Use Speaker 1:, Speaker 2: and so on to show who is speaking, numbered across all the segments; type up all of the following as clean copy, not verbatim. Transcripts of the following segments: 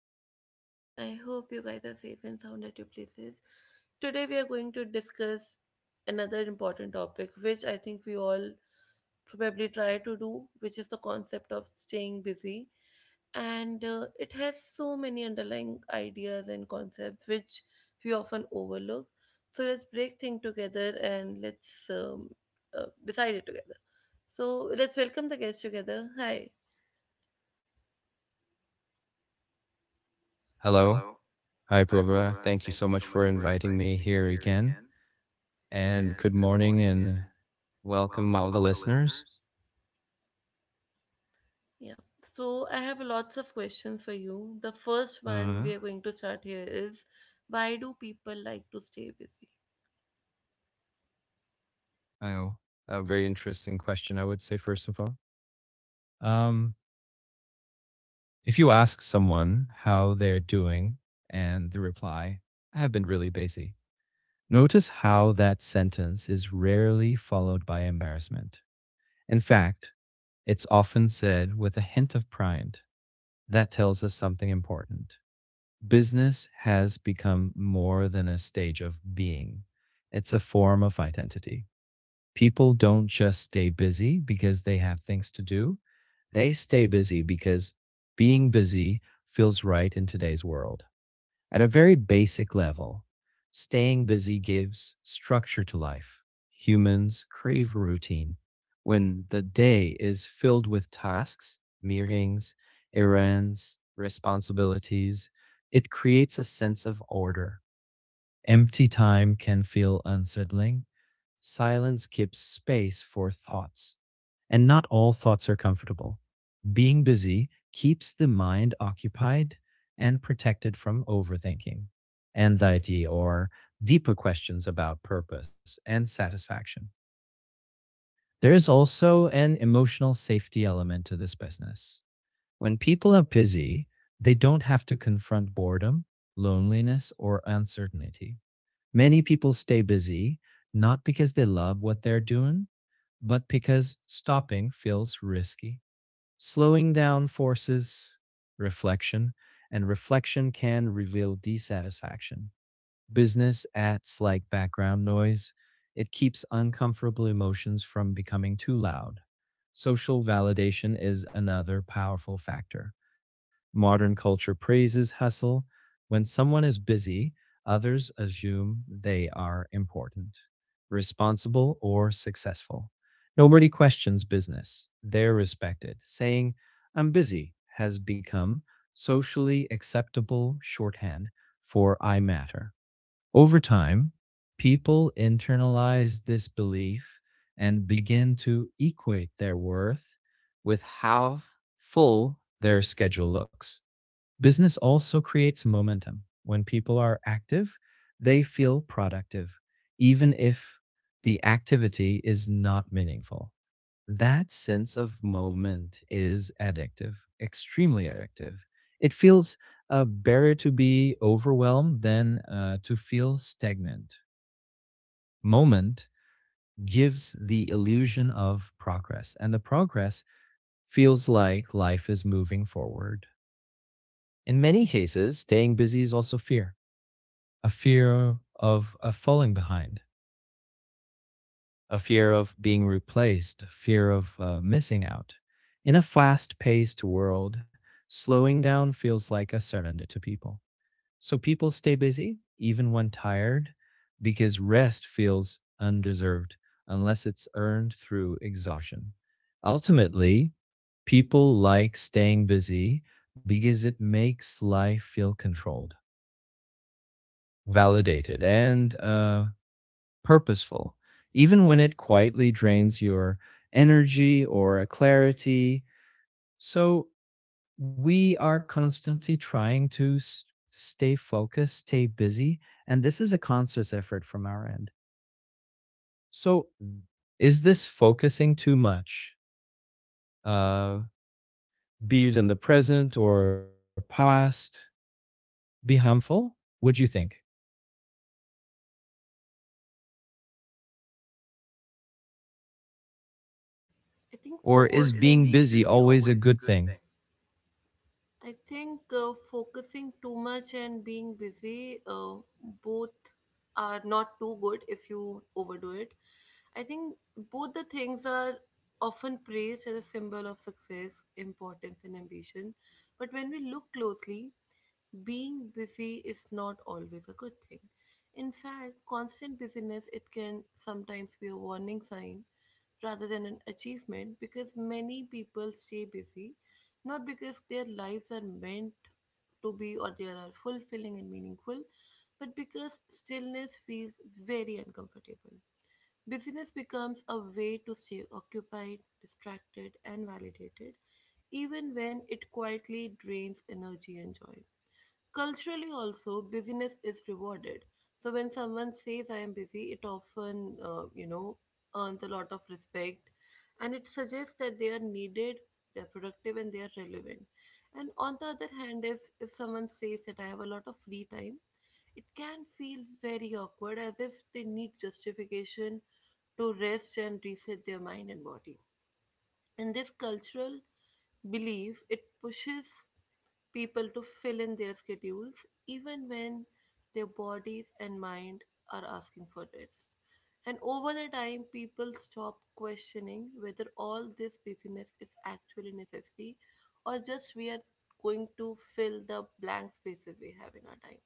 Speaker 1: morning to everyone. I hope you guys are safe and sound at your places. Today we are going to discuss another important topic which I think we all probably try to do, which is the concept of staying busy. And it has so many underlying ideas and concepts which we often overlook. So let's break things together and let's decide it together. So let's welcome the guests together. Hi.
Speaker 2: Hello. Hi, Prabha. Thank you so much for inviting me here again. And good morning and welcome, all the listeners.
Speaker 1: Yeah. So I have lots of questions for you. The first one we are
Speaker 2: Uh,
Speaker 1: going to start here is, why do people like to stay busy?
Speaker 2: I, a very interesting question, I would say, first of all. Um, if you ask someone how they're doing and the reply, I have been really busy, notice how that sentence is rarely followed by embarrassment. In fact, it's often said with a hint of pride. That tells us something important business has become more than a stage of being, it's a form of identity. People don't just stay busy because they have things to do, they stay busy because being busy feels right in today's world. At a very basic level, staying busy gives structure to life. Humans crave routine. When the day is filled with tasks, meetings, errands, responsibilities, it creates a sense of order. Empty time can feel unsettling. Silence gives space for thoughts. And not all thoughts are comfortable. Being busy keeps the mind occupied and protected from overthinking, anxiety, or deeper questions about purpose and satisfaction. There is also an emotional safety element to this business. When people are busy, they don't have to confront boredom, loneliness, or uncertainty. Many people stay busy not because they love what they're doing, but because stopping feels risky. Slowing down forces reflection, and reflection can reveal dissatisfaction business adds like background noise. It keeps uncomfortable emotions from becoming too loud. Social validation is another powerful factor. Modern culture praises hustle. When someone is busy, others assume they are important, responsible, or successful. Nobody questions business. They're respected. Saying, I'm busy, has become socially acceptable shorthand for I matter. Over time, people internalize this belief and begin to equate their worth with how full their schedule looks. Business also creates momentum. When people are active, they feel productive, even if the activity is not meaningful. That sense of moment is addictive, extremely addictive. It feels better to be overwhelmed than to feel stagnant. Moment gives the illusion of progress, and the progress feels like life is moving forward. In many cases, staying busy is also fear, a fear of falling behind a fear of being replaced, a fear of missing out. In a fast paced world, slowing down feels like a surrender to people. So people stay busy, even when tired, because rest feels undeserved unless it's earned through exhaustion. Ultimately, people like staying busy because it makes life feel controlled, validated, and purposeful, even when it quietly drains your energy or clarity. So we are constantly trying to stay focused, stay busy, and this is a conscious effort from our end. So is this focusing too much? Uh, be it in the present or past, be harmful? Would you think?
Speaker 1: I think
Speaker 2: Or is being
Speaker 1: focusing,
Speaker 2: busy always a good thing?
Speaker 1: I think focusing too much and being busy, both are not too good if you overdo it. I think both the things are often praised as a symbol of success, importance, and ambition. But when we look closely, being busy is not always a good thing. In fact, constant busyness, it can sometimes be a warning sign rather than an achievement, because many people stay busy not because their lives are meant to be or they are fulfilling and meaningful, but because stillness feels very uncomfortable. Busyness becomes a way to stay occupied, distracted, and validated, even when it quietly drains energy and joy. Culturally, also, busyness is rewarded. So when someone says I am busy, it often, earns a lot of respect, and it suggests that they are needed, they are productive, and they are relevant. And on the other hand, if someone says that I have a lot of free time, it can feel very awkward, as if they need justification to rest and reset their mind and body. And this cultural belief, it pushes people to fill in their schedules even when their bodies and mind are asking for rest. And over the time, people stop questioning whether all this busyness is actually necessary, or just we are going to fill the blank spaces we have in our time.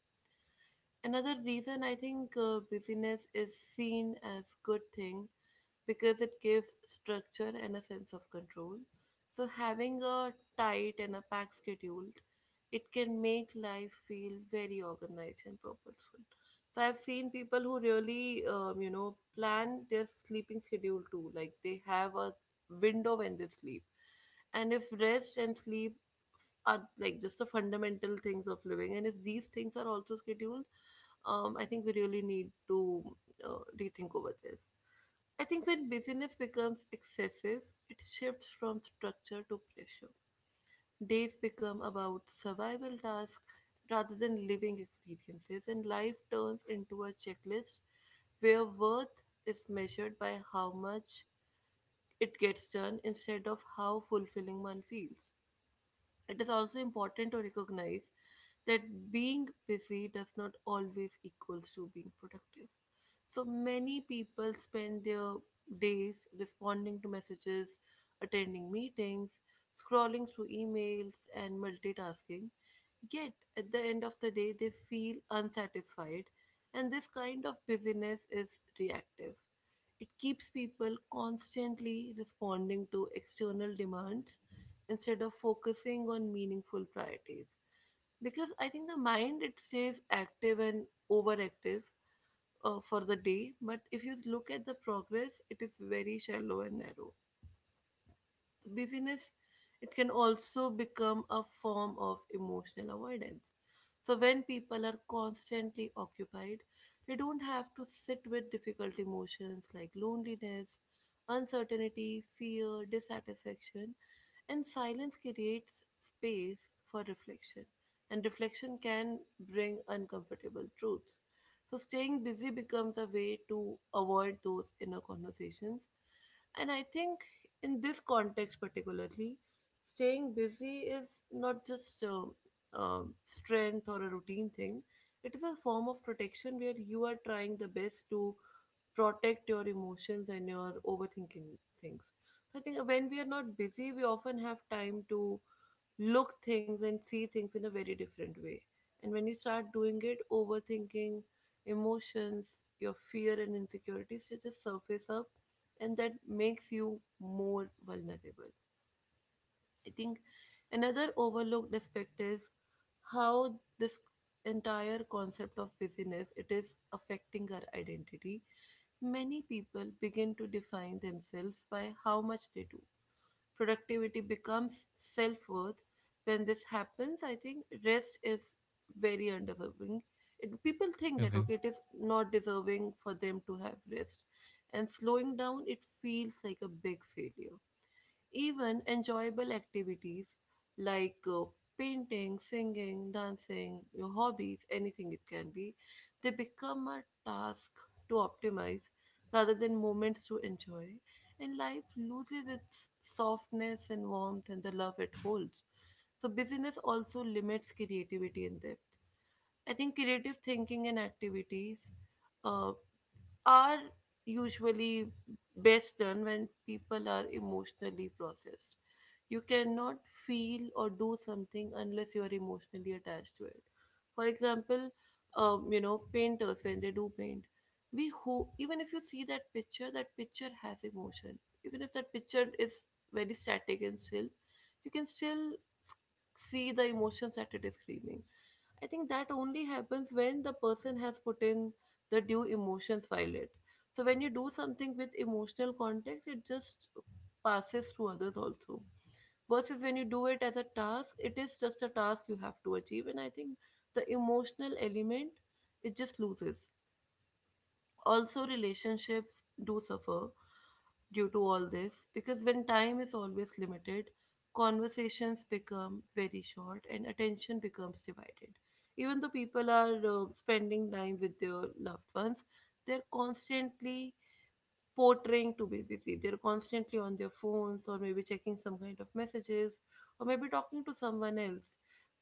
Speaker 1: Another reason, I think, busyness is seen as good thing, because it gives structure and a sense of control. So, having a tight and a packed schedule, it can make life feel very organized and purposeful. So, I've seen people who really, plan their sleeping schedule too. Like they have a window when they sleep, and if rest and sleep are like just the fundamental things of living, and if these things are also scheduled, I think we really need to rethink over this. I think when busyness becomes excessive, it shifts from structure to pressure. Days become about survival tasks rather than living experiences, and life turns into a checklist where worth is measured by how much it gets done instead of how fulfilling one feels. It is also important to recognize that being busy does not always equals to being productive. So many people spend their days responding to messages, attending meetings, scrolling through emails and multitasking. Yet at the end of the day they feel unsatisfied, and this kind of busyness is reactive. It keeps people constantly responding to external demands instead of focusing on meaningful priorities. Because I think the mind, it stays active and overactive for the day, but if you look at the progress, it is very shallow and narrow. Busyness, it can also become a form of emotional avoidance. So when people are constantly occupied, they don't have to sit with difficult emotions like loneliness, uncertainty, fear, dissatisfaction, and silence creates space for reflection, and reflection can bring uncomfortable truths. So, staying busy becomes a way to avoid those inner conversations. And I think in this context, particularly, staying busy is not just a, strength or a routine thing, it is a form of protection where you are trying the best to protect your emotions and your overthinking things. So I think when we are not busy, we often have time to look things and see things in a very different way. And when you start doing it, overthinking, emotions, your fear and insecurities should just surface up, and that makes you more vulnerable. I think another overlooked aspect is how this entire concept of busyness, it is affecting our identity. Many people begin to define themselves by how much they do. Productivity becomes self-worth. When this happens, I think rest is very undeserving. It, people think that
Speaker 2: Okay.
Speaker 1: okay, it is not deserving for them to have rest, and slowing down it feels like a big failure. Even enjoyable activities like painting, singing, dancing, your hobbies, anything it can be, they become a task to optimize rather than moments to enjoy. And life loses its softness and warmth and the love it holds. So, busyness also limits creativity and depth. I think creative thinking and activities uh, are usually best done when people are emotionally processed. You cannot feel or do something unless you're emotionally attached to it. For example, painters when they do paint, we hope even if you see that picture has emotion. Even if that picture is very static and still, you can still s- see the emotions that it is screaming. I think that only happens when the person has put in the due emotions while it. So when you do something with emotional context, it just passes to others also. Versus when you do it as a task, it is just a task you have to achieve. And I think the emotional element, it just loses. Also, relationships do suffer due to all this, because when time is always limited, conversations become very short and attention becomes divided. Even though people are spending time with their loved ones, they're constantly portraying to be busy. They're constantly on their phones or maybe checking some kind of messages or maybe talking to someone else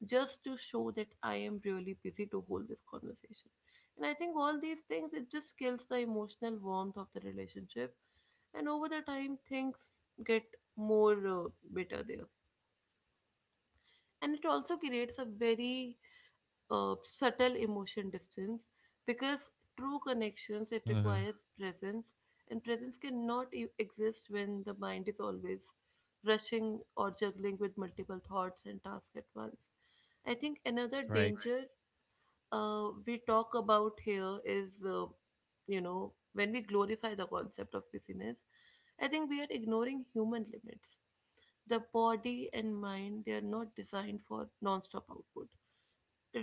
Speaker 1: just to show that I am really busy to hold this conversation. And I think all these things, it just kills the emotional warmth of the relationship. And over the time, things get more bitter there. And it also creates a very subtle emotion distance, because true connections it
Speaker 2: Uh-huh.
Speaker 1: requires presence, and presence cannot exist when the mind is always rushing or juggling with multiple thoughts and tasks at once. I think another Right.
Speaker 2: Right.
Speaker 1: danger we talk about here is, when we glorify the concept of busyness, I think we are ignoring human limits. The body and mind, they are not designed for non-stop output.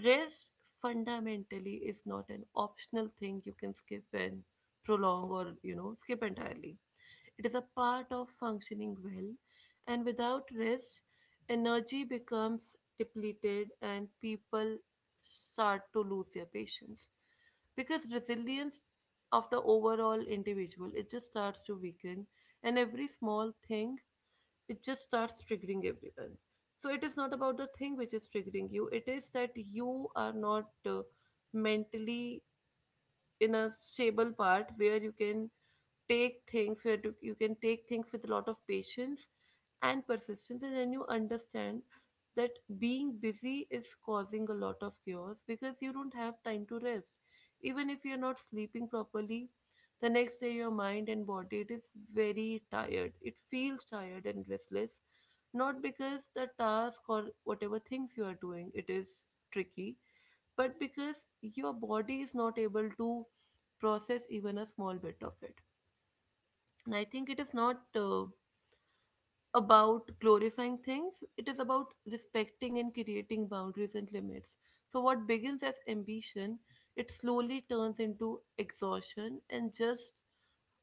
Speaker 1: Rest fundamentally is not an optional thing you can skip and prolong or, you know, skip entirely. It is a part of functioning well, and without rest, energy becomes depleted and people start to lose their patience, because resilience of the overall individual, it just starts to weaken, and every small thing, it just starts triggering everyone. So it is not about the thing which is triggering you, it is that you are not mentally in a stable part where you can take things, where to you can take things with a lot of patience and persistence, and then you understand that being busy is causing a lot of chaos because you don't have time to rest. Even if you're not sleeping properly, the next day your mind and body, it is very tired, it feels tired and restless, not because the task or whatever things you are doing it is tricky, but because your body is not able to process even a small bit of it. And I think it is not about glorifying things, it is about respecting and creating boundaries and limits. So, what begins as ambition, it slowly turns into exhaustion, and just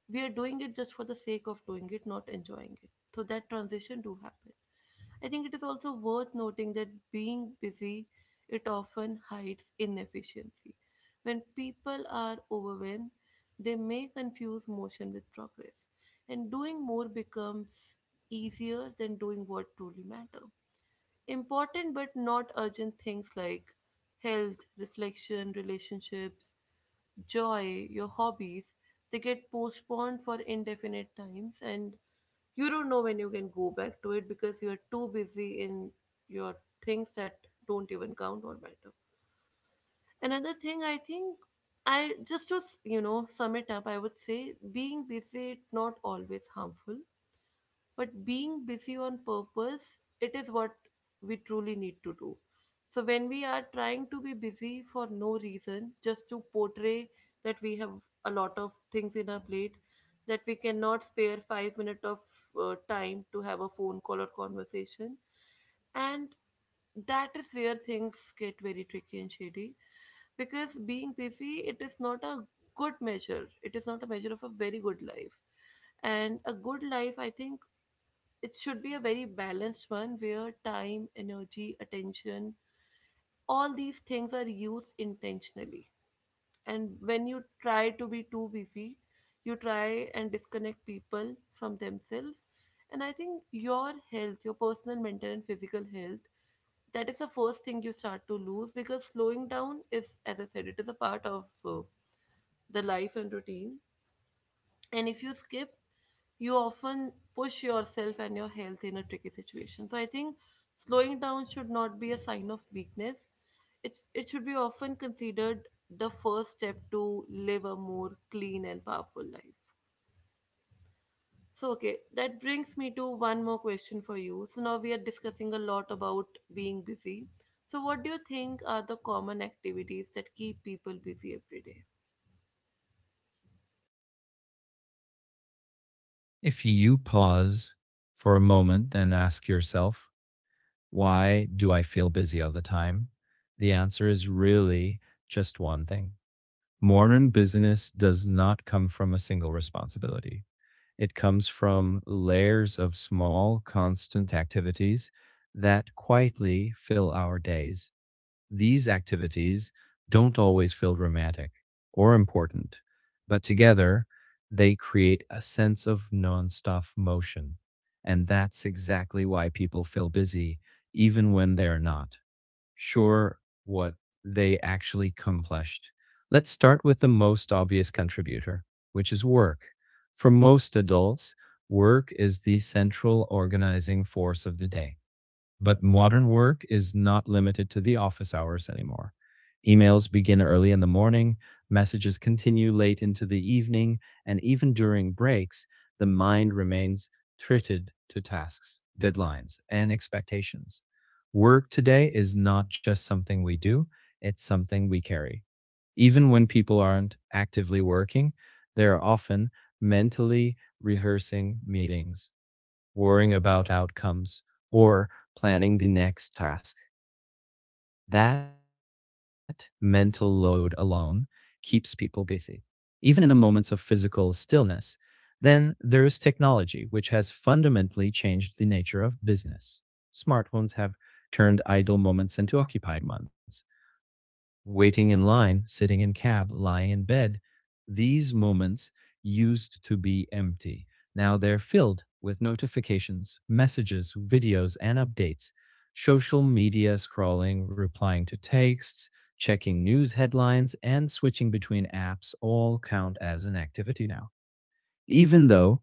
Speaker 1: we are doing it just for the sake of doing it, not enjoying it. So, that transition do happen. I think it is also worth noting that being busy, it often hides inefficiency. When people are overwhelmed, they may confuse motion with progress, and doing more becomes easier than doing what truly matter. Important but not urgent things like health, reflection, relationships, joy, your hobbies, they get postponed for indefinite times and you don't know when you can go back to it because you're too busy in your things that don't even count or matter. Another thing I think I just to s- you know sum it up, I would say being busy is not always harmful but being busy on purpose it is what we truly need to do. So when we are trying to be busy for no reason, just to portray that we have a lot of things in our plate, that we cannot spare 5 minutes of time to have a phone call or conversation, and that is where things get very tricky and shady, because being busy, it is not a good measure, it is not a measure of a very good life. And a good life, I think, it should be a very balanced one where time, energy, attention, all these things are used intentionally. And when you try to be too busy, you try and disconnect people from themselves. And I think your health, your personal, mental, and physical health, that is the first thing you start to lose, because slowing down is, as I said, it is a part of the life and routine. And if you skip, you often push yourself and your health in a tricky situation. So I think slowing down should not be a sign of weakness. It should be often considered the first step to live a more clean and powerful life. So okay, that brings me to one more question for you. So now we are discussing a lot about being busy, so what do you think are the common activities that keep people busy every day?
Speaker 2: If you pause for a moment and ask yourself, why do I feel busy all the time? The answer is really just one thing. Modern business does not come from a single responsibility. It comes from layers of small, constant activities that quietly fill our days. These activities don't always feel dramatic or important, but together they create a sense of non-stop motion. And that's exactly why people feel busy, even when they're not sure what they actually accomplished. Let's start with the most obvious contributor, which is work. For most adults, work is the central organizing force of the day. But modern work is not limited to the office hours anymore. Emails begin early in the morning, messages continue late into the evening, and even during breaks, the mind remains treated to tasks, deadlines, and expectations. Work today is not just something we do, it's something we carry. Even when people aren't actively working, they're often mentally rehearsing meetings, worrying about outcomes, or planning the next task. That mental load alone keeps people busy, even in the moments of physical stillness. Then there is technology, which has fundamentally changed the nature of business. Smartphones have turned idle moments into occupied ones waiting in line, sitting in cab, lying in bed, these moments used to be empty. Now they're filled with notifications, messages, videos, and updates. Social media scrolling, replying to texts, checking news headlines, and switching between apps all count as an activity now. Even though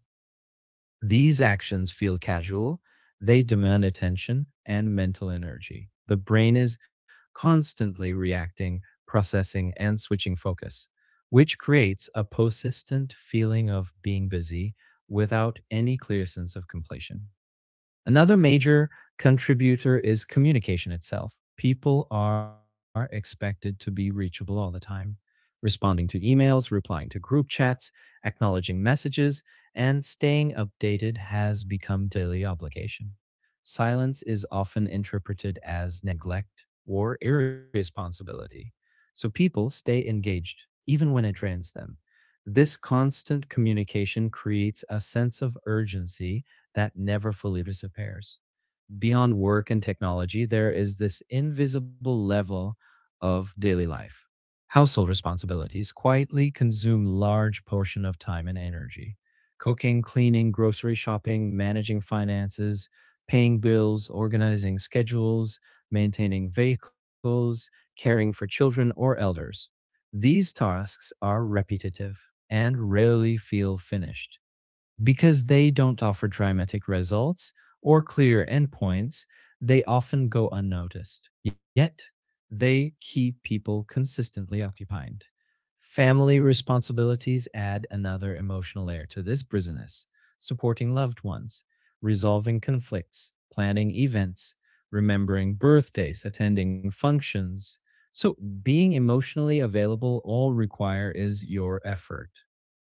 Speaker 2: these actions feel casual, they demand attention and mental energy. The brain is constantly reacting, processing, and switching focus, which creates a persistent feeling of being busy without any clear sense of completion. Another major contributor is communication itself. People are expected to be reachable all the time, responding to emails, replying to group chats, acknowledging messages, and staying updated has become daily obligation. Silence is often interpreted as neglect or irresponsibility, so people stay engaged even when it drains them. This constant communication creates a sense of urgency that never fully disappears. Beyond work and technology, there is this invisible level of daily life. Household responsibilities quietly consume large portion of time and energy. Cooking, cleaning, grocery shopping, managing finances, paying bills, organizing schedules, maintaining vehicles, caring for children or elders. These tasks are repetitive and rarely feel finished. Because they don't offer dramatic results or clear endpoints, they often go unnoticed. Yet, they keep people consistently occupied. Family responsibilities add another emotional layer to this busyness. Supporting loved ones, resolving conflicts, planning events, remembering birthdays, attending functions. So, being emotionally available all require is your effort.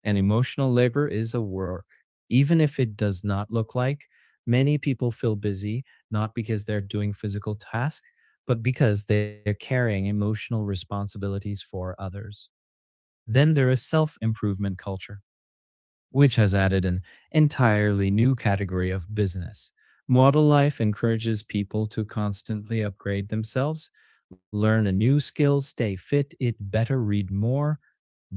Speaker 2: And emotional labor is a work, even if it does not look like. Many people feel busy not because they're doing physical tasks, but because they're carrying emotional responsibilities for others. Then there is self improvement culture, which has added an entirely new category of business. Model life encourages people to constantly upgrade themselves, learn a new skill, stay fit, eat better, read more,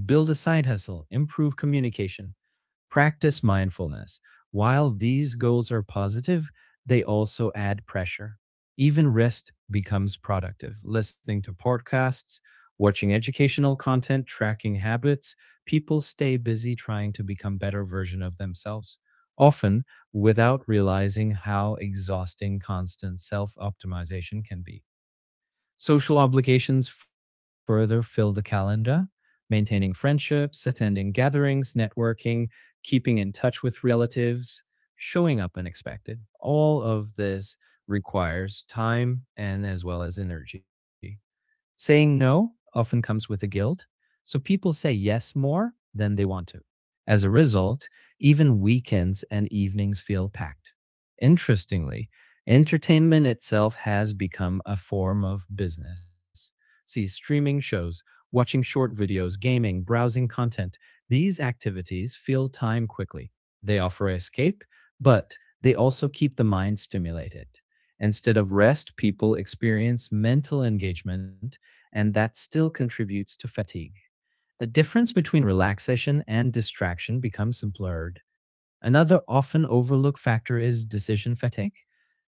Speaker 2: build a side hustle, improve communication, practice mindfulness. While these goals are positive, they also add pressure. Even rest becomes productive. Listening to podcasts, watching educational content, tracking habits, people stay busy trying to become better version of themselves, often without realizing how exhausting constant self-optimization can be. Social obligations further fill the calendar, maintaining friendships, attending gatherings, networking, keeping in touch with relatives, showing up unexpected. All of this requires time and as well as energy. Saying no often comes with a guilt, so people say yes more than they want to. As a result, even weekends and evenings feel packed. Interestingly, entertainment itself has become a form of business. See streaming shows, watching short videos, gaming, browsing content. These activities fill time quickly. They offer escape, but they also keep the mind stimulated. Instead of rest, people experience mental engagement, and that still contributes to fatigue. The difference between relaxation and distraction becomes blurred. Another often overlooked factor is decision fatigue.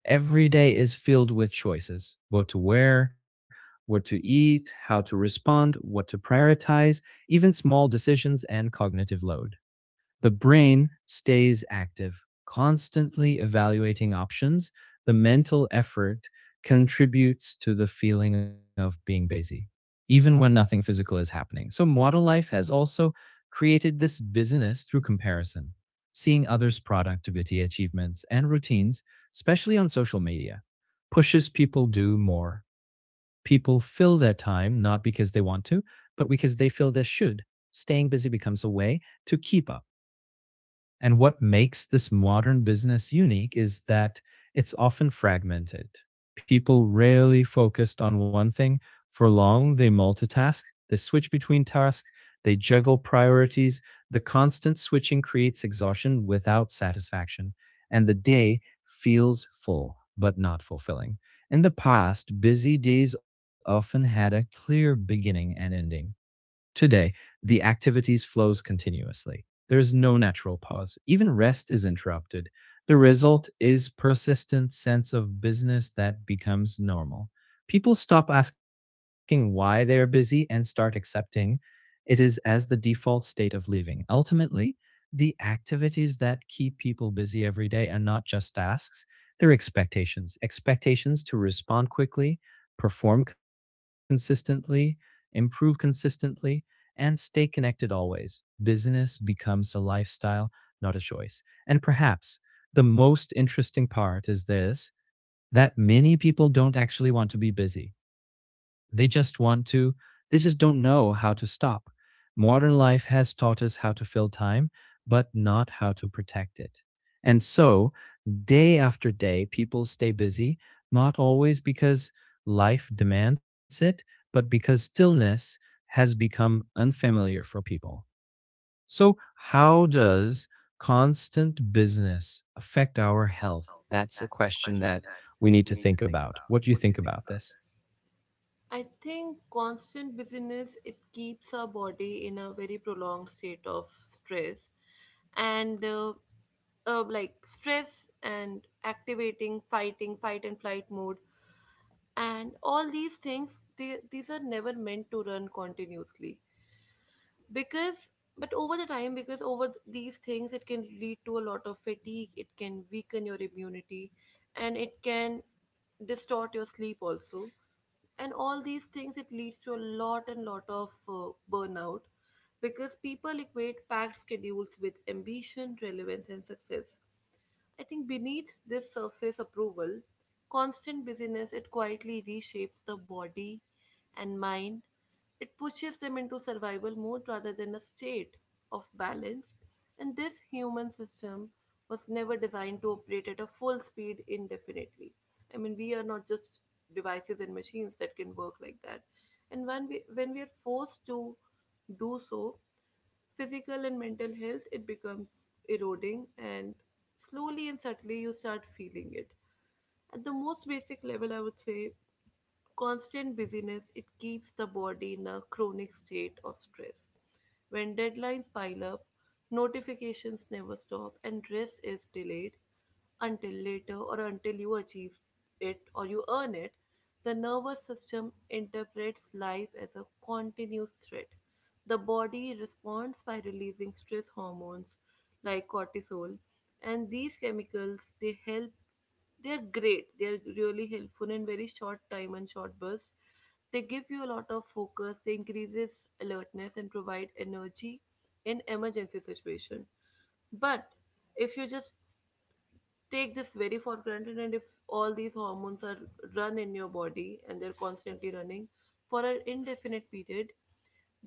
Speaker 2: Every day is filled with choices what to wear, what to eat, how to respond, what to prioritize, even small decisions and cognitive load. The brain stays active, constantly evaluating options. The mental effort contributes to the feeling of being busy, even when nothing physical is happening. So, model life has also created this busyness through comparison, seeing others' productivity, achievements, and routines, especially on social media, pushes people to do more. People fill their time not because they want to, but because they feel they should. Staying busy becomes a way to keep up. And what makes this modern business unique is that it's often fragmented. People rarely focused on one thing for long. They multitask, they switch between tasks, they juggle priorities. The constant switching creates exhaustion without satisfaction, and the day feels full but not fulfilling. In the past, busy days often had a clear beginning and ending. Today, the activities flows continuously. There is no natural pause. Even rest is interrupted. The result is persistent sense of business that becomes normal. People stop asking why they are busy and start accepting it is as the default state of living. Ultimately, the activities that keep people busy every day are not just tasks, they're expectations. Expectations to respond quickly, perform consistently, improve consistently, and stay connected always. Business becomes a lifestyle, not a choice. And perhaps the most interesting part is this that many people don't actually want to be busy. They just want to, they just don't know how to stop. Modern life has taught us how to fill time, but not how to protect it. And so, day after day, people stay busy, not always because life demands it, but because stillness has become unfamiliar for people. So, how does constant business affect our health? That's a question that we need to think about. What do you think about this?
Speaker 1: I think constant busyness, it keeps our body in a very prolonged state of stress, and like stress and activating fighting fight and flight mode, and all these things, they, these are never meant to run continuously, because but over the time, these things it can lead to a lot of fatigue, it can weaken your immunity, and it can distort your sleep also. And all these things it leads to a lot and lot of burnout, because people equate packed schedules with ambition, relevance, and success. I think beneath this surface approval, constant busyness, it quietly reshapes the body and mind. It pushes them into survival mode rather than a state of balance. And this human system was never designed to operate at a full speed indefinitely. I mean, we are not just devices and machines that can work like that. And when we are forced to do so, physical and mental health, it becomes eroding, and slowly and subtly you start feeling it. At the most basic level, I would say constant busyness it keeps the body in a chronic state of stress. When deadlines pile up, notifications never stop, and rest is delayed until later or until you achieve it or you earn it, the nervous system interprets life as a continuous threat. The body responds by releasing stress hormones like cortisol, and these chemicals, they help, they're great. They're really helpful in very short time and short bursts. They give you a lot of focus. They increases alertness and provide energy in emergency situation. But if you just take this very for granted, and if all these hormones are run in your body and they're constantly running for an indefinite period,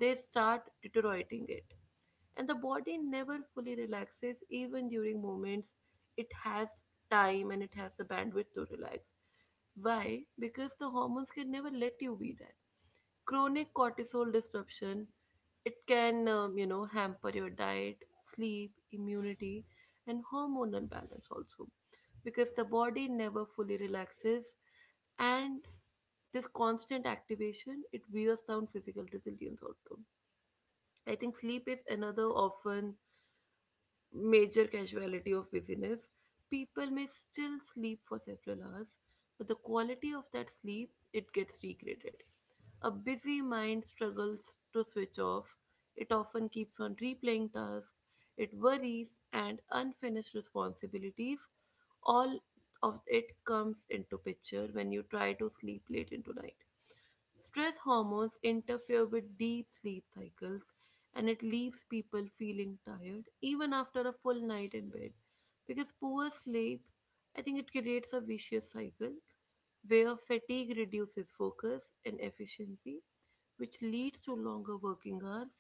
Speaker 1: they start deteriorating it. And the body never fully relaxes even during moments it has time and it has the bandwidth to relax. Why? Because the hormones can never let you be that. Chronic cortisol disruption, it can, hamper your diet, sleep, immunity, and hormonal balance also, because the body never fully relaxes. And this constant activation it wears down physical resilience also. I think sleep is another often major casualty of busyness. People may still sleep for several hours, but the quality of that sleep it gets degraded. A busy mind struggles to switch off. It often keeps on replaying tasks. It worries and unfinished responsibilities. All of it comes into picture when you try to sleep late into night. Stress hormones interfere with deep sleep cycles, and it leaves people feeling tired even after a full night in bed. Because poor sleep, I think it creates a vicious cycle where fatigue reduces focus and efficiency, which leads to longer working hours,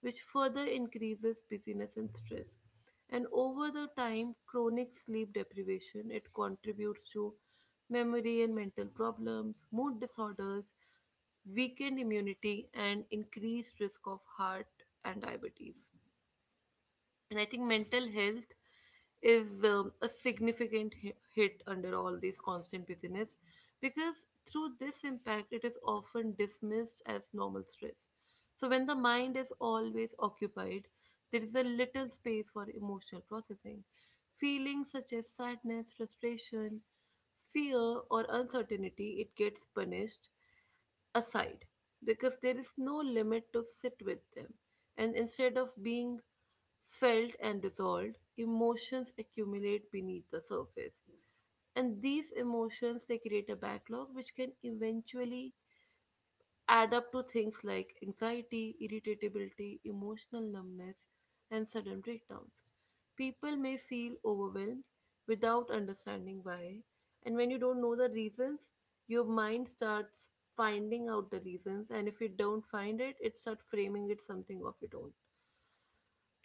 Speaker 1: which further increases busyness and stress. And over the time, chronic sleep deprivation it contributes to memory and mental problems, mood disorders, weakened immunity, and increased risk of heart and diabetes. And I think mental health is a significant hit under all these constant busyness, because through this impact it is often dismissed as normal stress. So when the mind is always occupied, there is a little space for emotional processing. Feelings such as sadness, frustration, fear, or uncertainty, it gets punished aside, because there is no limit to sit with them. And instead of being felt and dissolved, emotions accumulate beneath the surface. And these emotions they create a backlog which can eventually add up to things like anxiety, irritability, emotional numbness, and sudden breakdowns. People may feel overwhelmed without understanding why, and when you don't know the reasons, your mind starts finding out the reasons, and if you don't find it, it starts framing it something of its own.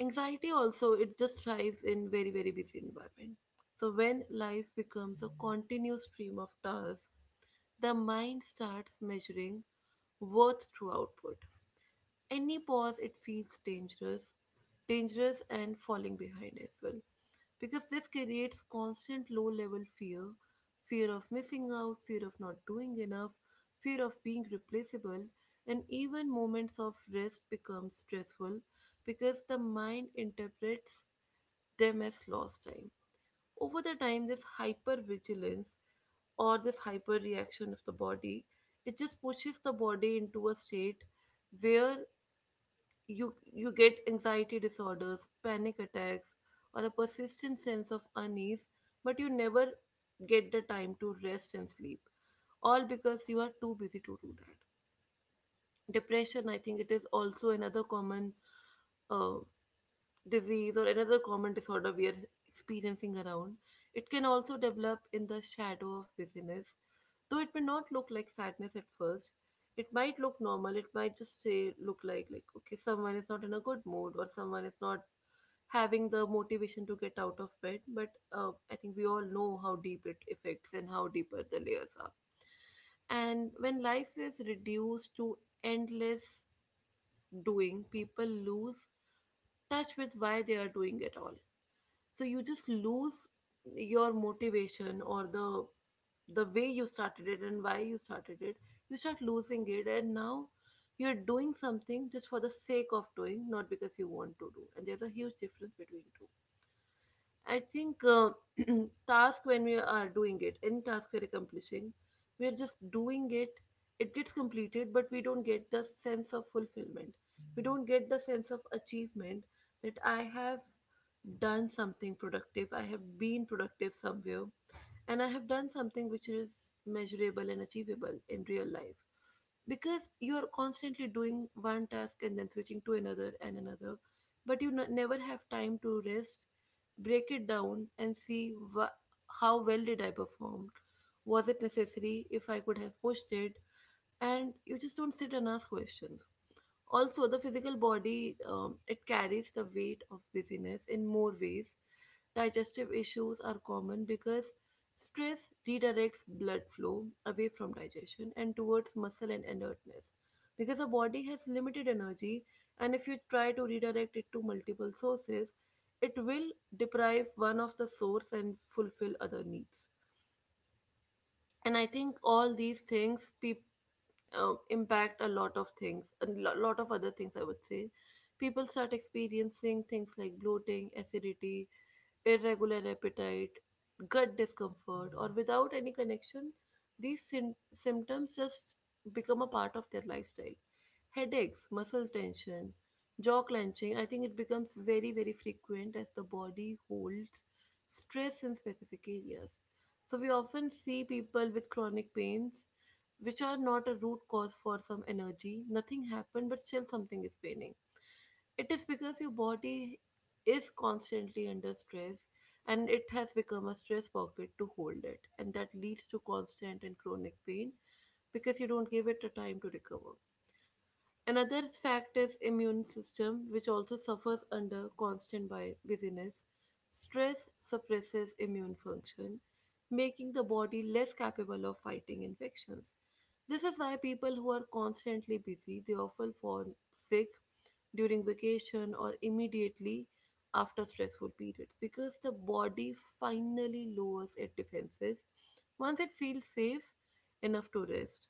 Speaker 1: Anxiety also it just thrives in very very busy environment. So when life becomes a continuous stream of tasks, the mind starts measuring worth through output. Any pause it feels dangerous, dangerous and falling behind as well, because this creates constant low level fear, fear of missing out, fear of not doing enough, fear of being replaceable. And even moments of rest become stressful, because the mind interprets them as lost time. Over the time, this hyper vigilance or this hyper reaction of the body, it just pushes the body into a state where you get anxiety disorders, panic attacks, or a persistent sense of unease, but you never get the time to rest and sleep, all because you are too busy to do that. Depression, I think, it is also another common uh, disease or another common disorder we are experiencing around. It can also develop in the shadow of busyness. Though it may not look like sadness at first, it might look normal. It might just say look like okay, someone is not in a good mood or someone is not having the motivation to get out of bed. But I think we all know how deep it affects and how deeper the layers are. And when life is reduced to endless doing, people lose touch with why they are doing it all. So you just lose your motivation or the way you started it and why you started it. You start losing it, and now you're doing something just for the sake of doing, not because you want to do. And there's a huge difference between two. I think task when we are doing it, any task we're accomplishing, we're just doing it. It gets completed, but we don't get the sense of fulfillment. We don't get the sense of achievement that I have done something productive. I have been productive somewhere and I have done something which is measurable and achievable in real life. Because you are constantly doing one task and then switching to another and another, but you never have time to rest, break it down, and see wha how well did I perform. Was it necessary? If I could have pushed it, and you just don't sit and ask questions. Also, the physical body it carries the weight of busyness in more ways. Digestive issues are common because stress redirects blood flow away from digestion and towards muscle and alertness. Because the body has limited energy, and if you try to redirect it to multiple sources, it will deprive one of the source and fulfill other needs. And I think all these things people impact a lot of things, a lot of other things, I would say. People start experiencing things like bloating, acidity, irregular appetite, gut discomfort, or without any connection, these syn symptoms just become a part of their lifestyle. Headaches, muscle tension, jaw clenching, I think it becomes very, very frequent as the body holds stress in specific areas. So we often see people with chronic pains which are not a root cause for some energy. Nothing happened, but still something is paining. It is because your body is constantly under stress and it has become a stress pocket to hold it. And that leads to constant and chronic pain because you don't give it a time to recover. Another fact is immune system, which also suffers under constant busyness. Stress suppresses immune function, making the body less capable of fighting infections. This is why people who are constantly busy, they often fall sick during vacation or immediately after stressful periods, because the body finally lowers its defenses once it feels safe enough to rest.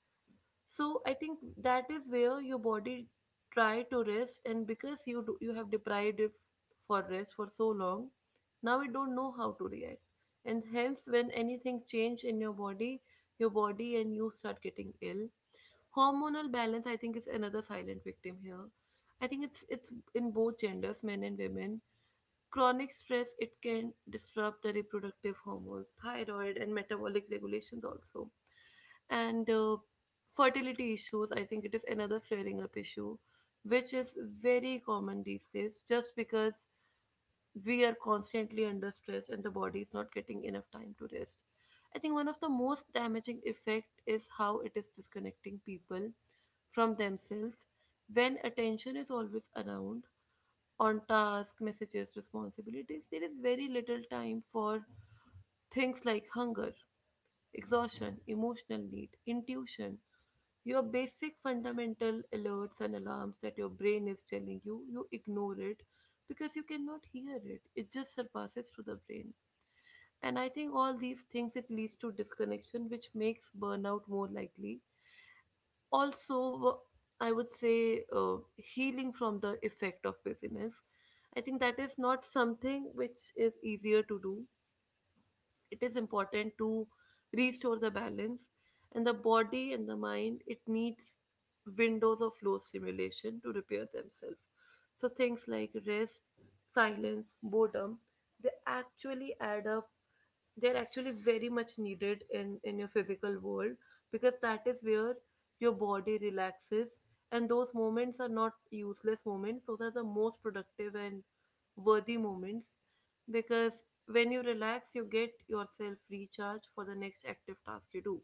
Speaker 1: So I think that is where your body try to rest, and because you do, you have deprived it for rest for so long, now it don't know how to react, and hence when anything change in your body and you start getting ill. Hormonal balance, I think, is another silent victim here. I think it's in both genders, men and women. Chronic stress it can disrupt the reproductive hormones, thyroid, and metabolic regulations also and fertility issues I think it is another flaring up issue which is very common these days just because we are constantly under stress and the body is not getting enough time to rest. I think one of the most damaging effect is how it is disconnecting people from themselves. When attention is always around on task messages responsibilities, there is very little time for things like hunger, exhaustion, emotional need, intuition, your basic fundamental alerts and alarms that your brain is telling you, you ignore it because you cannot hear it. It just surpasses through the brain. And I think all these things it leads to disconnection, which makes burnout more likely. Also, I would say healing from the effect of busyness. I think that is not something which is easier to do. It is important to restore the balance, and the body and the mind it needs windows of low stimulation to repair themselves. So things like rest, silence, boredom, they actually add up. They're actually very much needed in your physical world, because that is where your body relaxes. And those moments are not useless moments, those are the most productive and worthy moments, because when you relax you get yourself recharged for the next active task you do.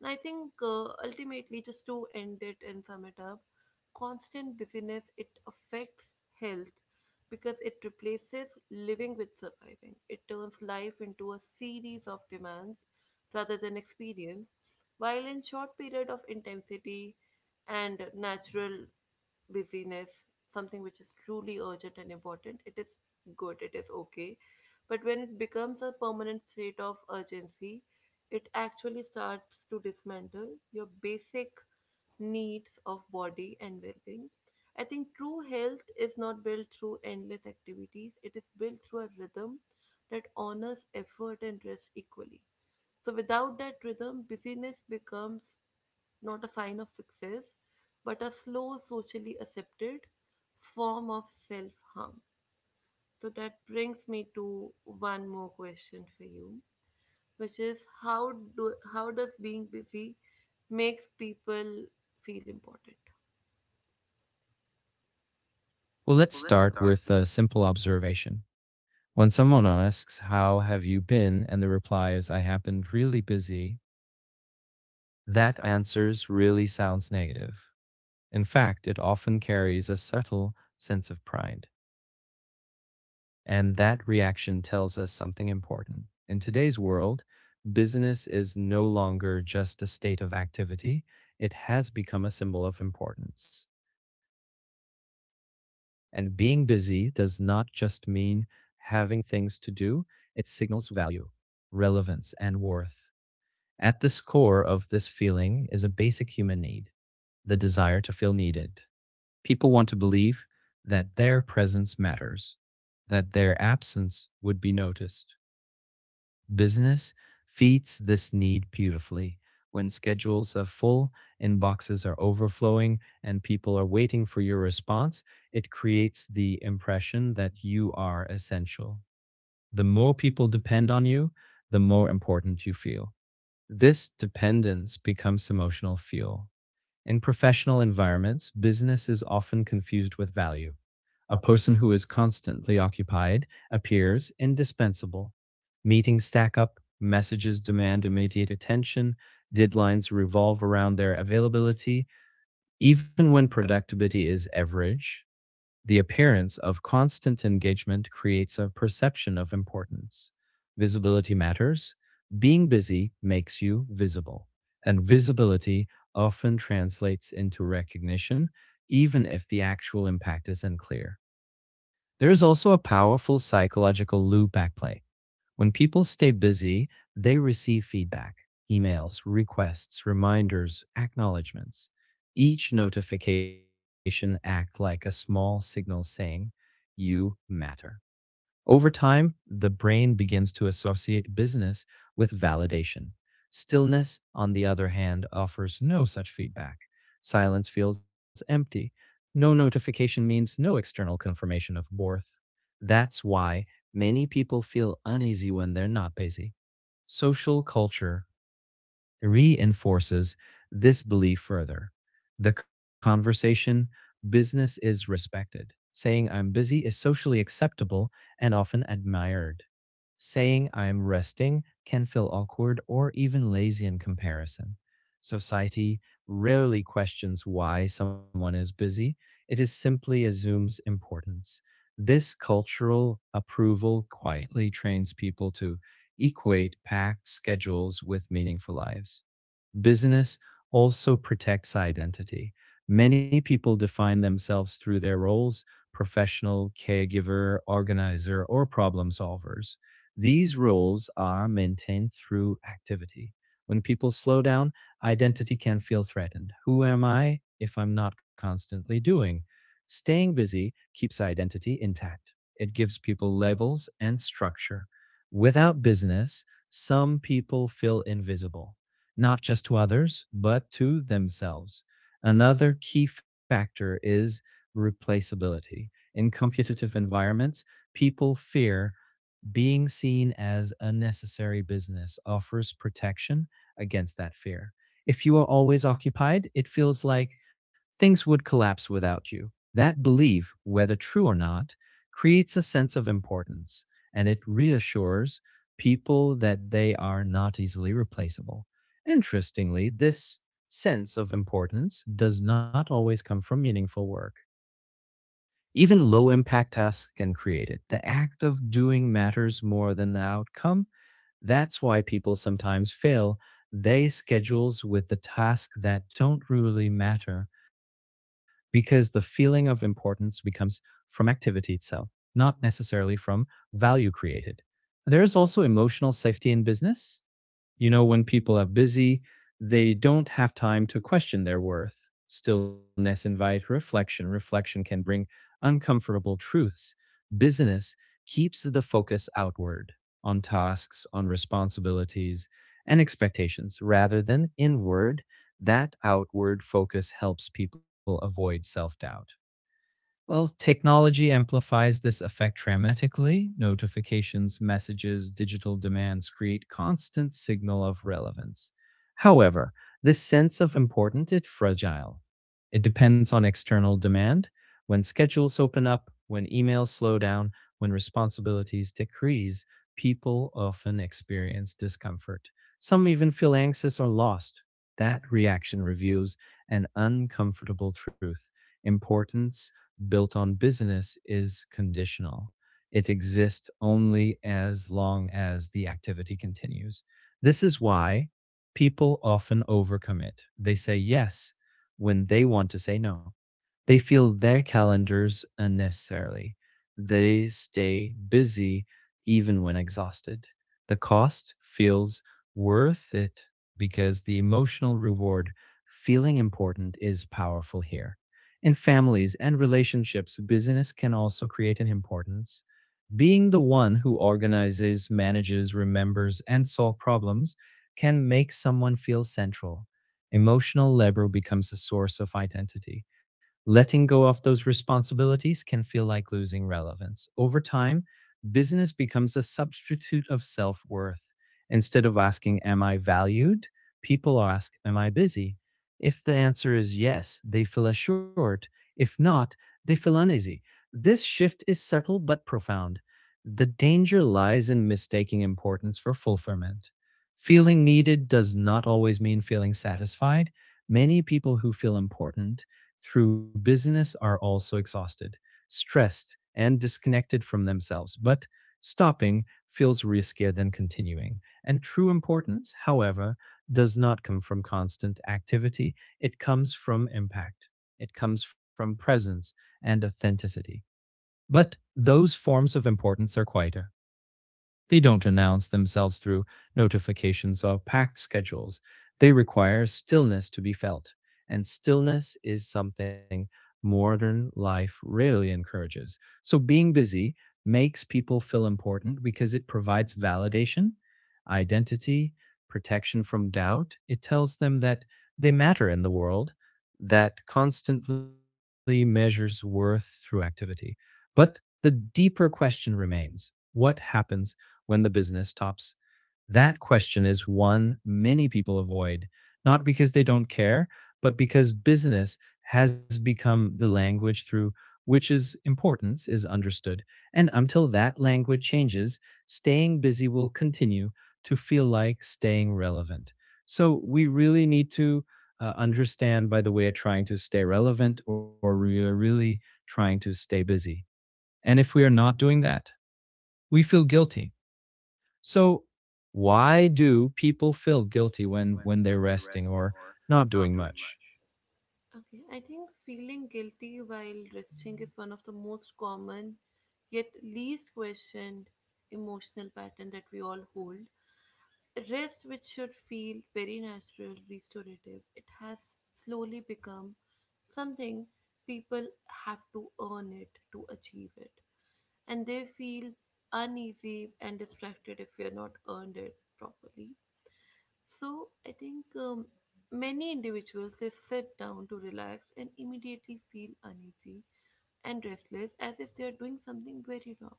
Speaker 1: And I think ultimately, just to end it and sum it up, constant busyness it affects health because it replaces living with surviving. It turns life into a series of demands rather than experience. While in short period of intensity and natural busyness, something which is truly urgent and important, it is good, it is okay. But when it becomes a permanent state of urgency, it actually starts to dismantle your basic needs of body and well-being. I think true health is not built through endless activities. It is built through a rhythm that honors effort and rest equally. So without that rhythm, busyness becomes not a sign of success, but a slow, socially accepted form of self harm. So that brings me to one more question for you, which is how does being busy makes people feel important?
Speaker 2: Well, let's start with a simple observation. When someone asks, how have you been? And the reply is, I have been really busy, that answer really sounds negative. In fact, it often carries a subtle sense of pride. And that reaction tells us something important. In today's world, business is no longer just a state of activity. It has become a symbol of importance. And being busy does not just mean having things to do, it signals value, relevance, and worth. At the core of this feeling is a basic human need, the desire to feel needed. People want to believe that their presence matters, that their absence would be noticed. Business feeds this need beautifully. When schedules are full, inboxes are overflowing, and people are waiting for your response, it creates the impression that you are essential. The more people depend on you, the more important you feel. This dependence becomes emotional fuel. In professional environments, business is often confused with value. A person who is constantly occupied appears indispensable. Meetings stack up, messages demand immediate attention, deadlines revolve around their availability. Even when productivity is average, the appearance of constant engagement creates a perception of importance. Visibility matters. Being busy makes you visible, and visibility often translates into recognition, even if the actual impact is unclear. There is also a powerful psychological loop backplay. When people stay busy, they receive feedback, emails, requests, reminders, acknowledgments. Each notification acts like a small signal saying, you matter. Over time, the brain begins to associate business with validation. Stillness, on the other hand, offers no such feedback. Silence feels empty. No notification means no external confirmation of worth. That's why many people feel uneasy when they're not busy. Social culture reinforces this belief further. The conversation business is respected. Saying I'm busy is socially acceptable and often admired. Saying I'm resting can feel awkward or even lazy in comparison. Society rarely questions why someone is busy, it is simply assumes importance. This cultural approval quietly trains people to equate packed schedules with meaningful lives. Business also protects identity. Many people define themselves through their roles, professional, caregiver, organizer, or problem solvers. These roles are maintained through activity. When people slow down, identity can feel threatened. Who am I if I'm not constantly doing? Staying busy keeps identity intact. It gives people labels and structure. Without business, some people feel invisible, not just to others, but to themselves. Another key factor is replaceability. In competitive environments, people fear being seen as unnecessary. Business offers protection against that fear. If you are always occupied, it feels like things would collapse without you. That belief, whether true or not, creates a sense of importance, and it reassures people that they are not easily replaceable. Interestingly, this sense of importance does not always come from meaningful work. Even low impact tasks can create it. The act of doing matters more than the outcome. That's why people sometimes fail. They schedules with the tasks that don't really matter, because the feeling of importance becomes from activity itself, not necessarily from value created. There is also emotional safety in business. When people are busy, they don't have time to question their worth. Stillness invites reflection. Reflection can bring uncomfortable truths. Busyness keeps the focus outward, on tasks, on responsibilities, and expectations rather than inward. That outward focus helps people avoid self doubt. Well, technology amplifies this effect dramatically. Notifications, messages, digital demands create constant signal of relevance. However, this sense of importance is fragile. It depends on external demand. When schedules open up, when emails slow down, when responsibilities decrease, people often experience discomfort. Some even feel anxious or lost. That reaction reveals an uncomfortable truth, importance built on business is conditional. It exists only as long as the activity continues. This is why people often overcommit. They say yes when they want to say no. They fill their calendars unnecessarily. They stay busy even when exhausted. The cost feels worth it because the emotional reward, feeling important, is powerful here. In families and relationships, busyness can also create an importance. Being the one who organizes, manages, remembers, and solves problems can make someone feel central. Emotional labor becomes a source of identity. Letting go of those responsibilities can feel like losing relevance. Over time, business becomes a substitute of self worth. Instead of asking, am I valued? People ask, am I busy? If the answer is yes, they feel assured. If not, they feel uneasy. This shift is subtle but profound. The danger lies in mistaking importance for fulfillment. Feeling needed does not always mean feeling satisfied. Many people who feel important through business are also exhausted, stressed, and disconnected from themselves, but stopping feels riskier than continuing. And true importance, however, does not come from constant activity. It comes from impact, it comes from presence and authenticity. But those forms of importance are quieter. They don't announce themselves through notifications or packed schedules. They require stillness to be felt, and stillness is something modern life rarely encourages. So being busy makes people feel important because it provides validation, identity, protection from doubt. It tells them that they matter in the world that constantly measures worth through activity. But the deeper question remains, what happens when the business tops? That question is one many people avoid, not because they don't care, but because business has become the language through which its importance is understood. And until that language changes, staying busy will continue to feel like staying relevant. So we really need to understand by the way of trying to stay relevant or we are really trying to stay busy. And if we are not doing that, we feel guilty. So why do people feel guilty when they're resting or not doing much?
Speaker 1: Okay, I think feeling guilty while resting is one of the most common yet least questioned emotional pattern that we all hold. Rest, which should feel very natural, restorative, it has slowly become something people have to earn it to achieve it, and they feel uneasy and distracted if you're not earned it properly. So I think many individuals they sit down to relax and immediately feel uneasy and restless as if they are doing something very wrong.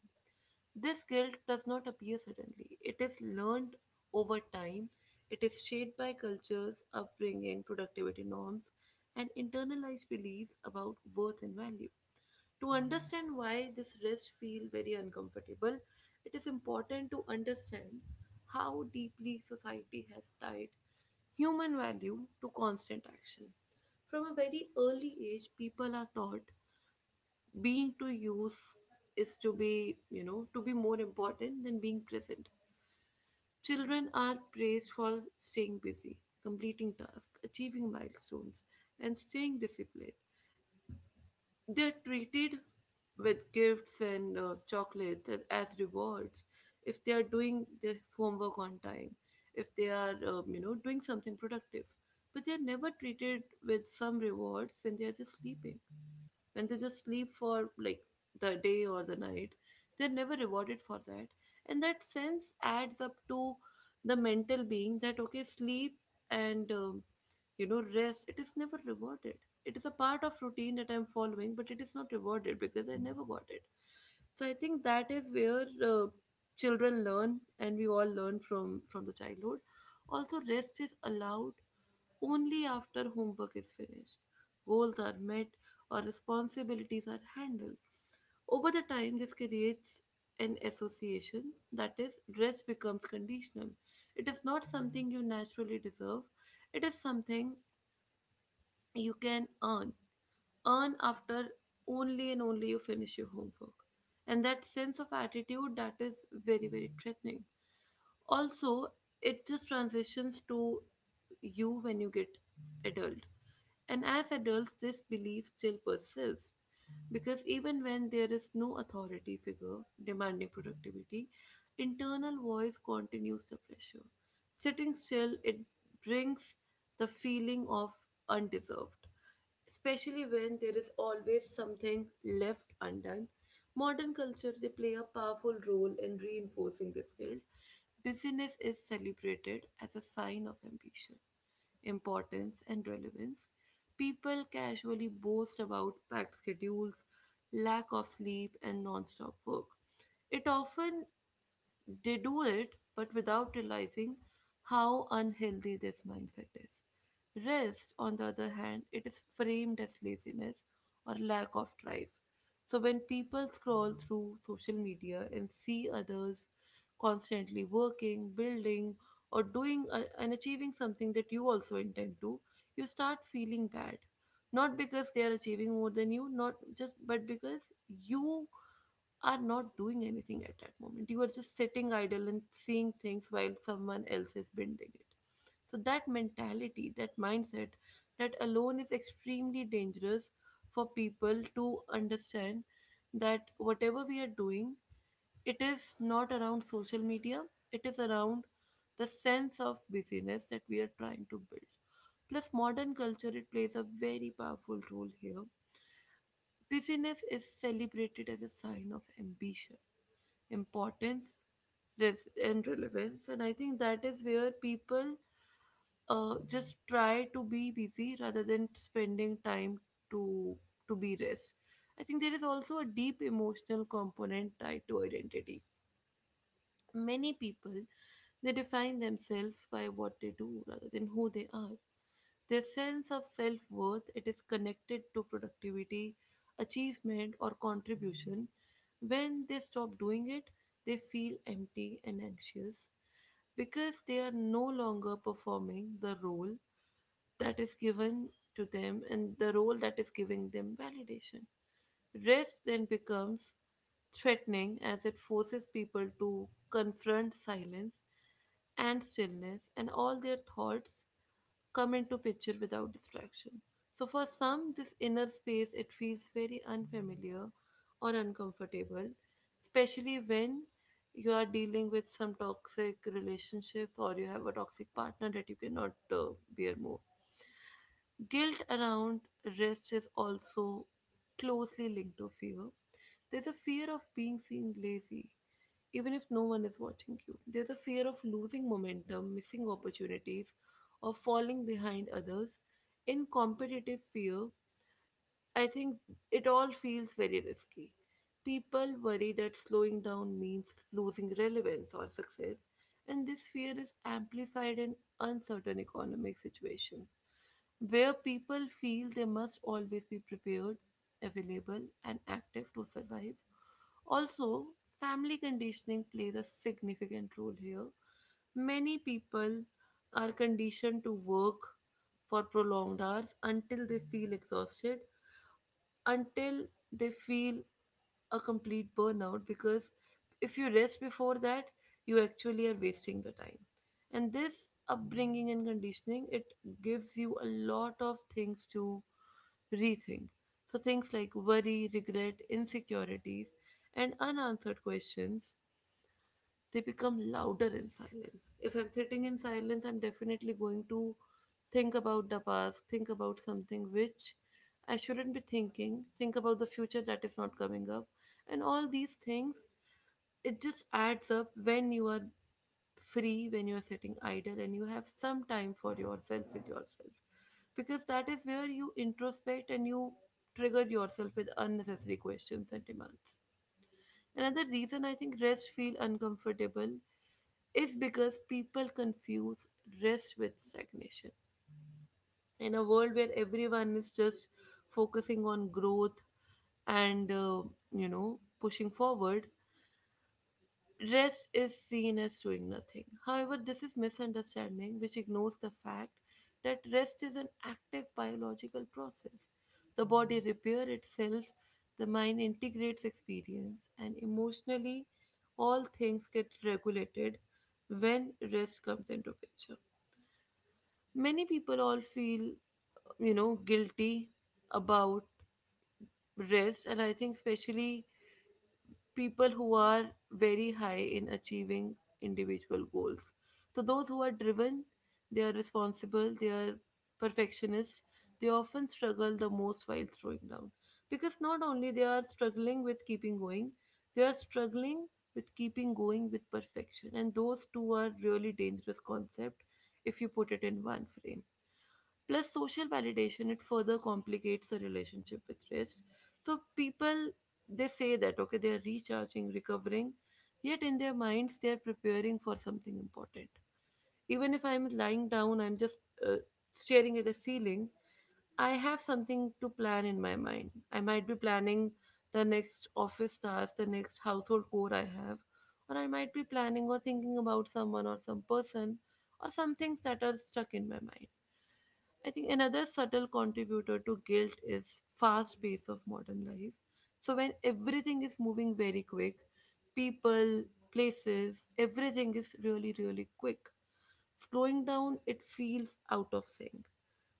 Speaker 1: This guilt does not appear suddenly. It is learned over time. It is shaped by cultures, upbringing, productivity norms, and internalized beliefs about worth and value. To understand why this rest feel very uncomfortable, it is important to understand how deeply society has tied human value to constant action. From a very early age, people are taught being to use is to be, you know, to be more important than being present. Children are praised for staying busy, completing tasks, achieving milestones, and staying disciplined. They're treated with gifts and chocolates as rewards if they are doing their homework on time, if they are, you know, doing something productive. But they're never treated with some rewards when they're just sleeping. When they just sleep for like the day or the night, they're never rewarded for that. And that sense adds up to the mental being that, okay, sleep and you know, rest, it is never rewarded. It is a part of routine that I'm following, but it is not rewarded because I never got it. So I think that is where children learn, and we all learn from the childhood. Also, rest is allowed only after homework is finished, goals are met, or responsibilities are handled. Over the time this creates an association that is rest becomes conditional. It is not something you naturally deserve, it is something you can earn, earn after only and only you finish your homework. And that sense of attitude, that is very very threatening. Also, it just transitions to you when you get adult. And as adults this belief still persists, because even when there is no authority figure demanding productivity, internal voice continues the pressure. Sitting still, it brings the feeling of undeserved, especially when there is always something left undone. Modern culture they play a powerful role in reinforcing this guilt. Busyness is celebrated as a sign of ambition, importance, and relevance. People casually boast about packed schedules, lack of sleep, and non-stop work. It often they do it but without realizing how unhealthy this mindset is. Rest, on the other hand, it is framed as laziness or lack of drive. So when people scroll through social media and see others constantly working, building, or doing and achieving something that you also intend to, you start feeling bad, not because they are achieving more than you, not just, but because you are not doing anything at that moment. You are just sitting idle and seeing things while someone else is bending it. So that mentality, that mindset, that alone is extremely dangerous for people to understand that whatever we are doing, it is not around social media, it is around the sense of busyness that we are trying to build. Plus, modern culture, it plays a very powerful role here. Busyness is celebrated as a sign of ambition, importance, and relevance. And I think that is where people just try to be busy rather than spending time to to be rest. I think there is also a deep emotional component tied to identity. Many people they define themselves by what they do rather than who they are. Their sense of self-worth, it is connected to productivity, achievement, or contribution. When they stop doing it, they feel empty and anxious because they are no longer performing the role that is given to them, and the role that is giving them validation. Rest then becomes threatening as it forces people to confront silence and stillness, and all their thoughts come into picture without distraction. So, for some, this inner space it feels very unfamiliar or uncomfortable, especially when you are dealing with some toxic relationships or you have a toxic partner that you cannot bear more. Guilt around rest is also closely linked to fear. There's a fear of being seen lazy, even if no one is watching you. There's a fear of losing momentum, missing opportunities, or falling behind others. In competitive fear, I think it all feels very risky. People worry that slowing down means losing relevance or success, and this fear is amplified in uncertain economic situations where people feel they must always be prepared, available, and active to survive. Also, family conditioning plays a significant role here. Many people are conditioned to work for prolonged hours until they feel exhausted, until they feel a complete burnout, because if you rest before that you actually are wasting the time. And this upbringing and conditioning, it gives you a lot of things to rethink. So things like worry, regret, insecurities, and unanswered questions, they become louder in silence. If I'm sitting in silence, I'm definitely going to think about the past, think about something which I shouldn't be thinking, think about the future that is not coming up, and all these things. It just adds up when you are free, when you are sitting idle, and you have some time for yourself with yourself. Because that is where you introspect and you trigger yourself with unnecessary questions and demands. Another reason I think rest feel uncomfortable is because people confuse rest with stagnation. In a world where everyone is just focusing on growth and, you know, pushing forward, rest is seen as doing nothing. However, this is misunderstanding which ignores the fact that rest is an active biological process. The body repairs itself, the mind integrates experience, and emotionally, all things get regulated when rest comes into picture. Many people all feel, you know, guilty about rest, and I think especially people who are very high in achieving individual goals. So, those who are driven, they are responsible, they are perfectionists, they often struggle the most while slowing down. Because not only they are struggling with keeping going, they are struggling with keeping going with perfection. And those two are really dangerous concept if you put it in one frame. Plus, social validation, it further complicates the relationship with rest. So, people they say that okay, they are recharging, recovering, yet in their minds, they are preparing for something important. Even if I'm lying down, I'm just uh, staring at the ceiling, I have something to plan in my mind. I might be planning the next office task, the next household chore I have, or I might be planning or thinking about someone or some person or some things that are stuck in my mind. I think another subtle contributor to guilt is fast pace of modern life. So when everything is moving very quick, people, places, everything is really really quick. Slowing down it feels out of sync.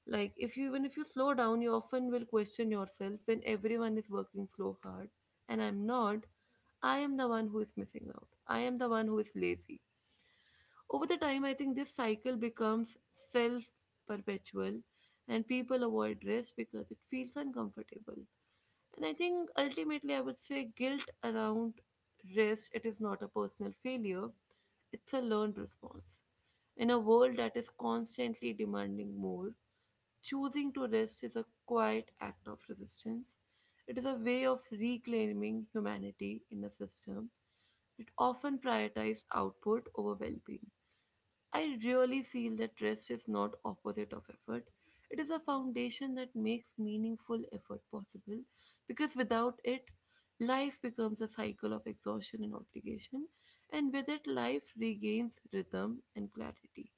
Speaker 1: Like if you even if you slow down, you often will question yourself when everyone is working slow hard and I'm not, I am the one who is missing out. I am the one who is lazy. Over the time, I think this cycle becomes self perpetual and people avoid rest because it feels uncomfortable. And I think ultimately, I would say guilt around rest, it is not a personal failure, it's a learned response. In a world that is constantly demanding more, choosing to rest is a quiet act of resistance. It is a way of reclaiming humanity in a system that often prioritizes output over well being. I really feel that rest is not opposite of effort. It is a foundation that makes meaningful effort possible because without it, life becomes a cycle of exhaustion and obligation, and with it, life regains rhythm and clarity.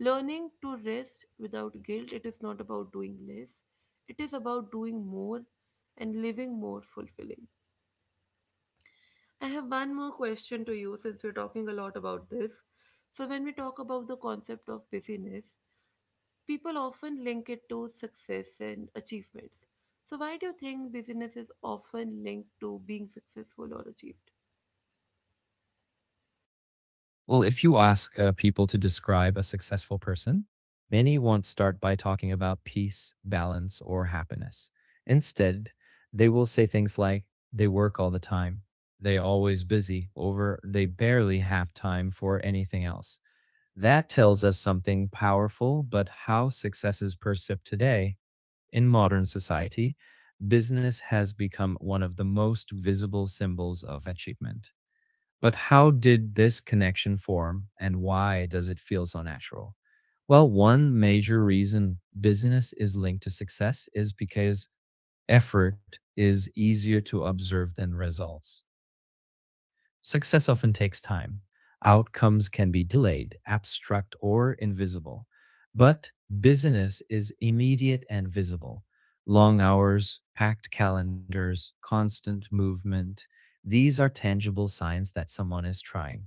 Speaker 1: Learning to rest without guilt, it is not about doing less, it is about doing more and living more fulfilling. I have one more question to you since we're talking a lot about this. So, when we talk about the concept of busyness, people often link it to success and achievements. So, why do you think business is often linked to being successful or achieved?
Speaker 2: Well, if you ask people to describe a successful person, many won't start by talking about peace, balance, or happiness. Instead, they will say things like they work all the time, they always busy, over they barely have time for anything else. That tells us something powerful, but how success is perceived today in modern society, business has become one of the most visible symbols of achievement. But how did this connection form and why does it feel so natural? Well, one major reason business is linked to success is because effort is easier to observe than results. Success often takes time. Outcomes can be delayed, abstract, or invisible. But business is immediate and visible. Long hours, packed calendars, constant movement. These are tangible signs that someone is trying.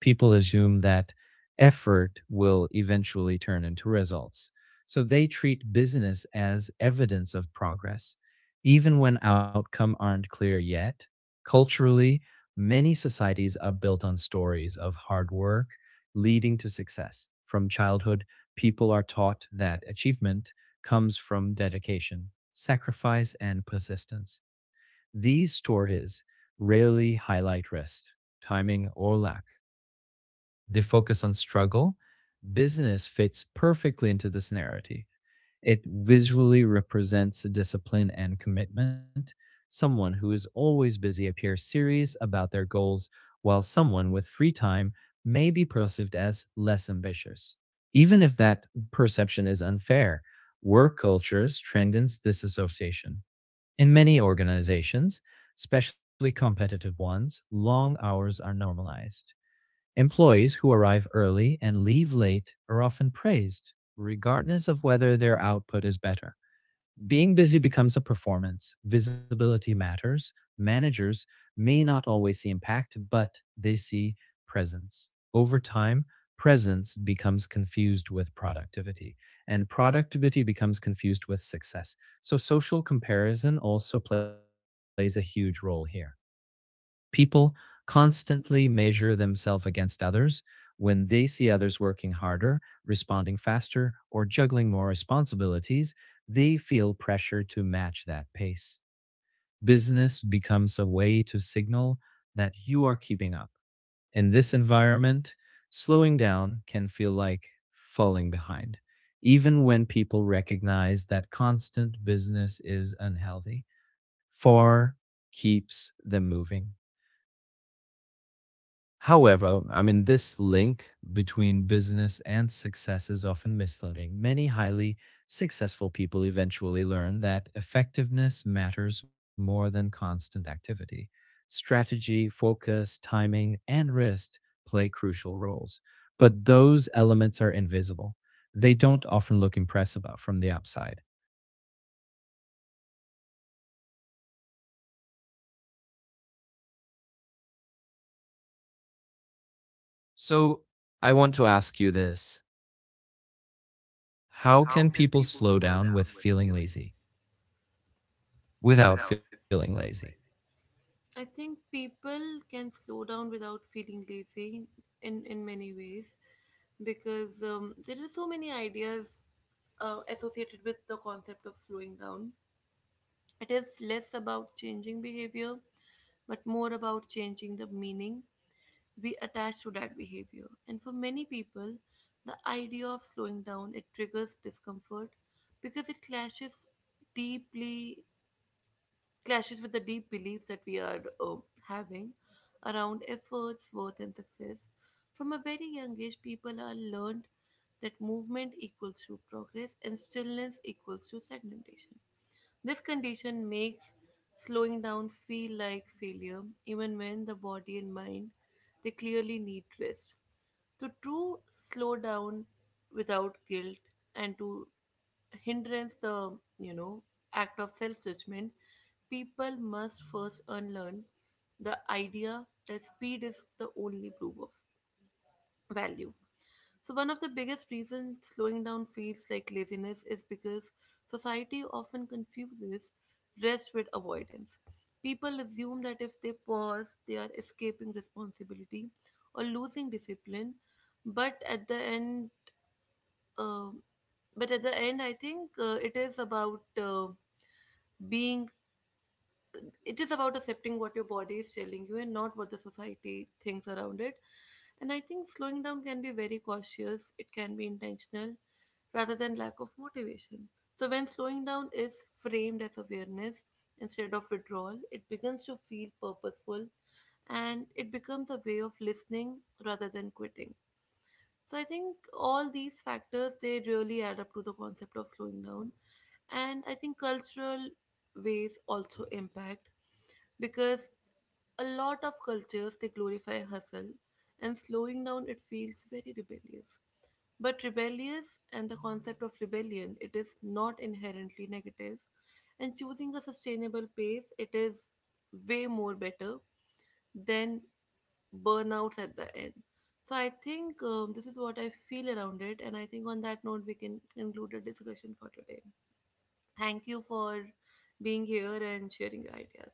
Speaker 2: People assume that effort will eventually turn into results. So they treat business as evidence of progress, even when outcomes aren't clear yet. Culturally, many societies are built on stories of hard work leading to success. From childhood, people are taught that achievement comes from dedication, sacrifice, and persistence. These stories rarely highlight rest, timing, or lack. They focus on struggle. Business fits perfectly into this narrative. It visually represents discipline and commitment. Someone who is always busy appears serious about their goals, while someone with free time may be perceived as less ambitious. Even if that perception is unfair, work culture strengthens this association. In many organizations, especially competitive ones, long hours are normalized. Employees who arrive early and leave late are often praised, regardless of whether their output is better. Being busy becomes a performance. Visibility matters. Managers may not always see impact, but they see presence. Over time, presence becomes confused with productivity, and productivity becomes confused with success. So, social comparison also plays a huge role here. People constantly measure themselves against others when they see others working harder, responding faster, or juggling more responsibilities. They feel pressure to match that pace. Business becomes a way to signal that you are keeping up. In this environment, slowing down can feel like falling behind, even when people recognize that constant business is unhealthy. Four keeps them moving. However, I mean, this link between business and success is often misleading. Many highly successful people eventually learn that effectiveness matters more than constant activity. Strategy, focus, timing, and risk play crucial roles, but those elements are invisible. They don't often look impressive from the outside. So, I want to ask you this, how can people slow down with feeling lazy, without feeling lazy?
Speaker 1: I think people can slow down without feeling lazy in many ways because there are so many ideas associated with the concept of slowing down. It is less about changing behavior but more about changing the meaning we attach to that behavior. And for many people, the idea of slowing down it triggers discomfort because it deeply clashes with the deep beliefs that we are having around efforts, worth, and success. From a very young age, people are learned that movement equals to progress and stillness equals to stagnation. This condition makes slowing down feel like failure, even when the body and mind they clearly need rest. To true slow down without guilt and to hindrance the act of self judgment, people must first unlearn the idea that speed is the only proof of value. So, one of the biggest reasons slowing down feels like laziness is because society often confuses rest with avoidance. People assume that if they pause, they are escaping responsibility or losing discipline. But at the end, um but at the end, I think it is about being it is about accepting what your body is telling you and not what the society thinks around it. And I think slowing down can be very cautious, it can be intentional rather than lack of motivation. So, when slowing down is framed as awareness instead of withdrawal, it begins to feel purposeful and it becomes a way of listening rather than quitting. So I think all these factors they really add up to the concept of slowing down, and I think cultural ways also impact because a lot of cultures they glorify hustle and slowing down it feels very rebellious but rebellious and the concept of rebellion it is not inherently negative and choosing a sustainable pace it is way more better than burnouts at the end. So I think this is what I feel around it, and I think on that note we can conclude the discussion for today. Thank you for being here and sharing your ideas.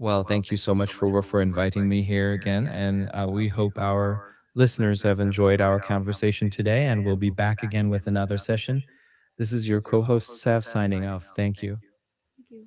Speaker 2: Well, thank you so much for inviting me here again, and we hope our listeners have enjoyed our conversation today, and we'll be back again with another session. This is your co-host Sav signing off. Thank you.
Speaker 1: Thank you.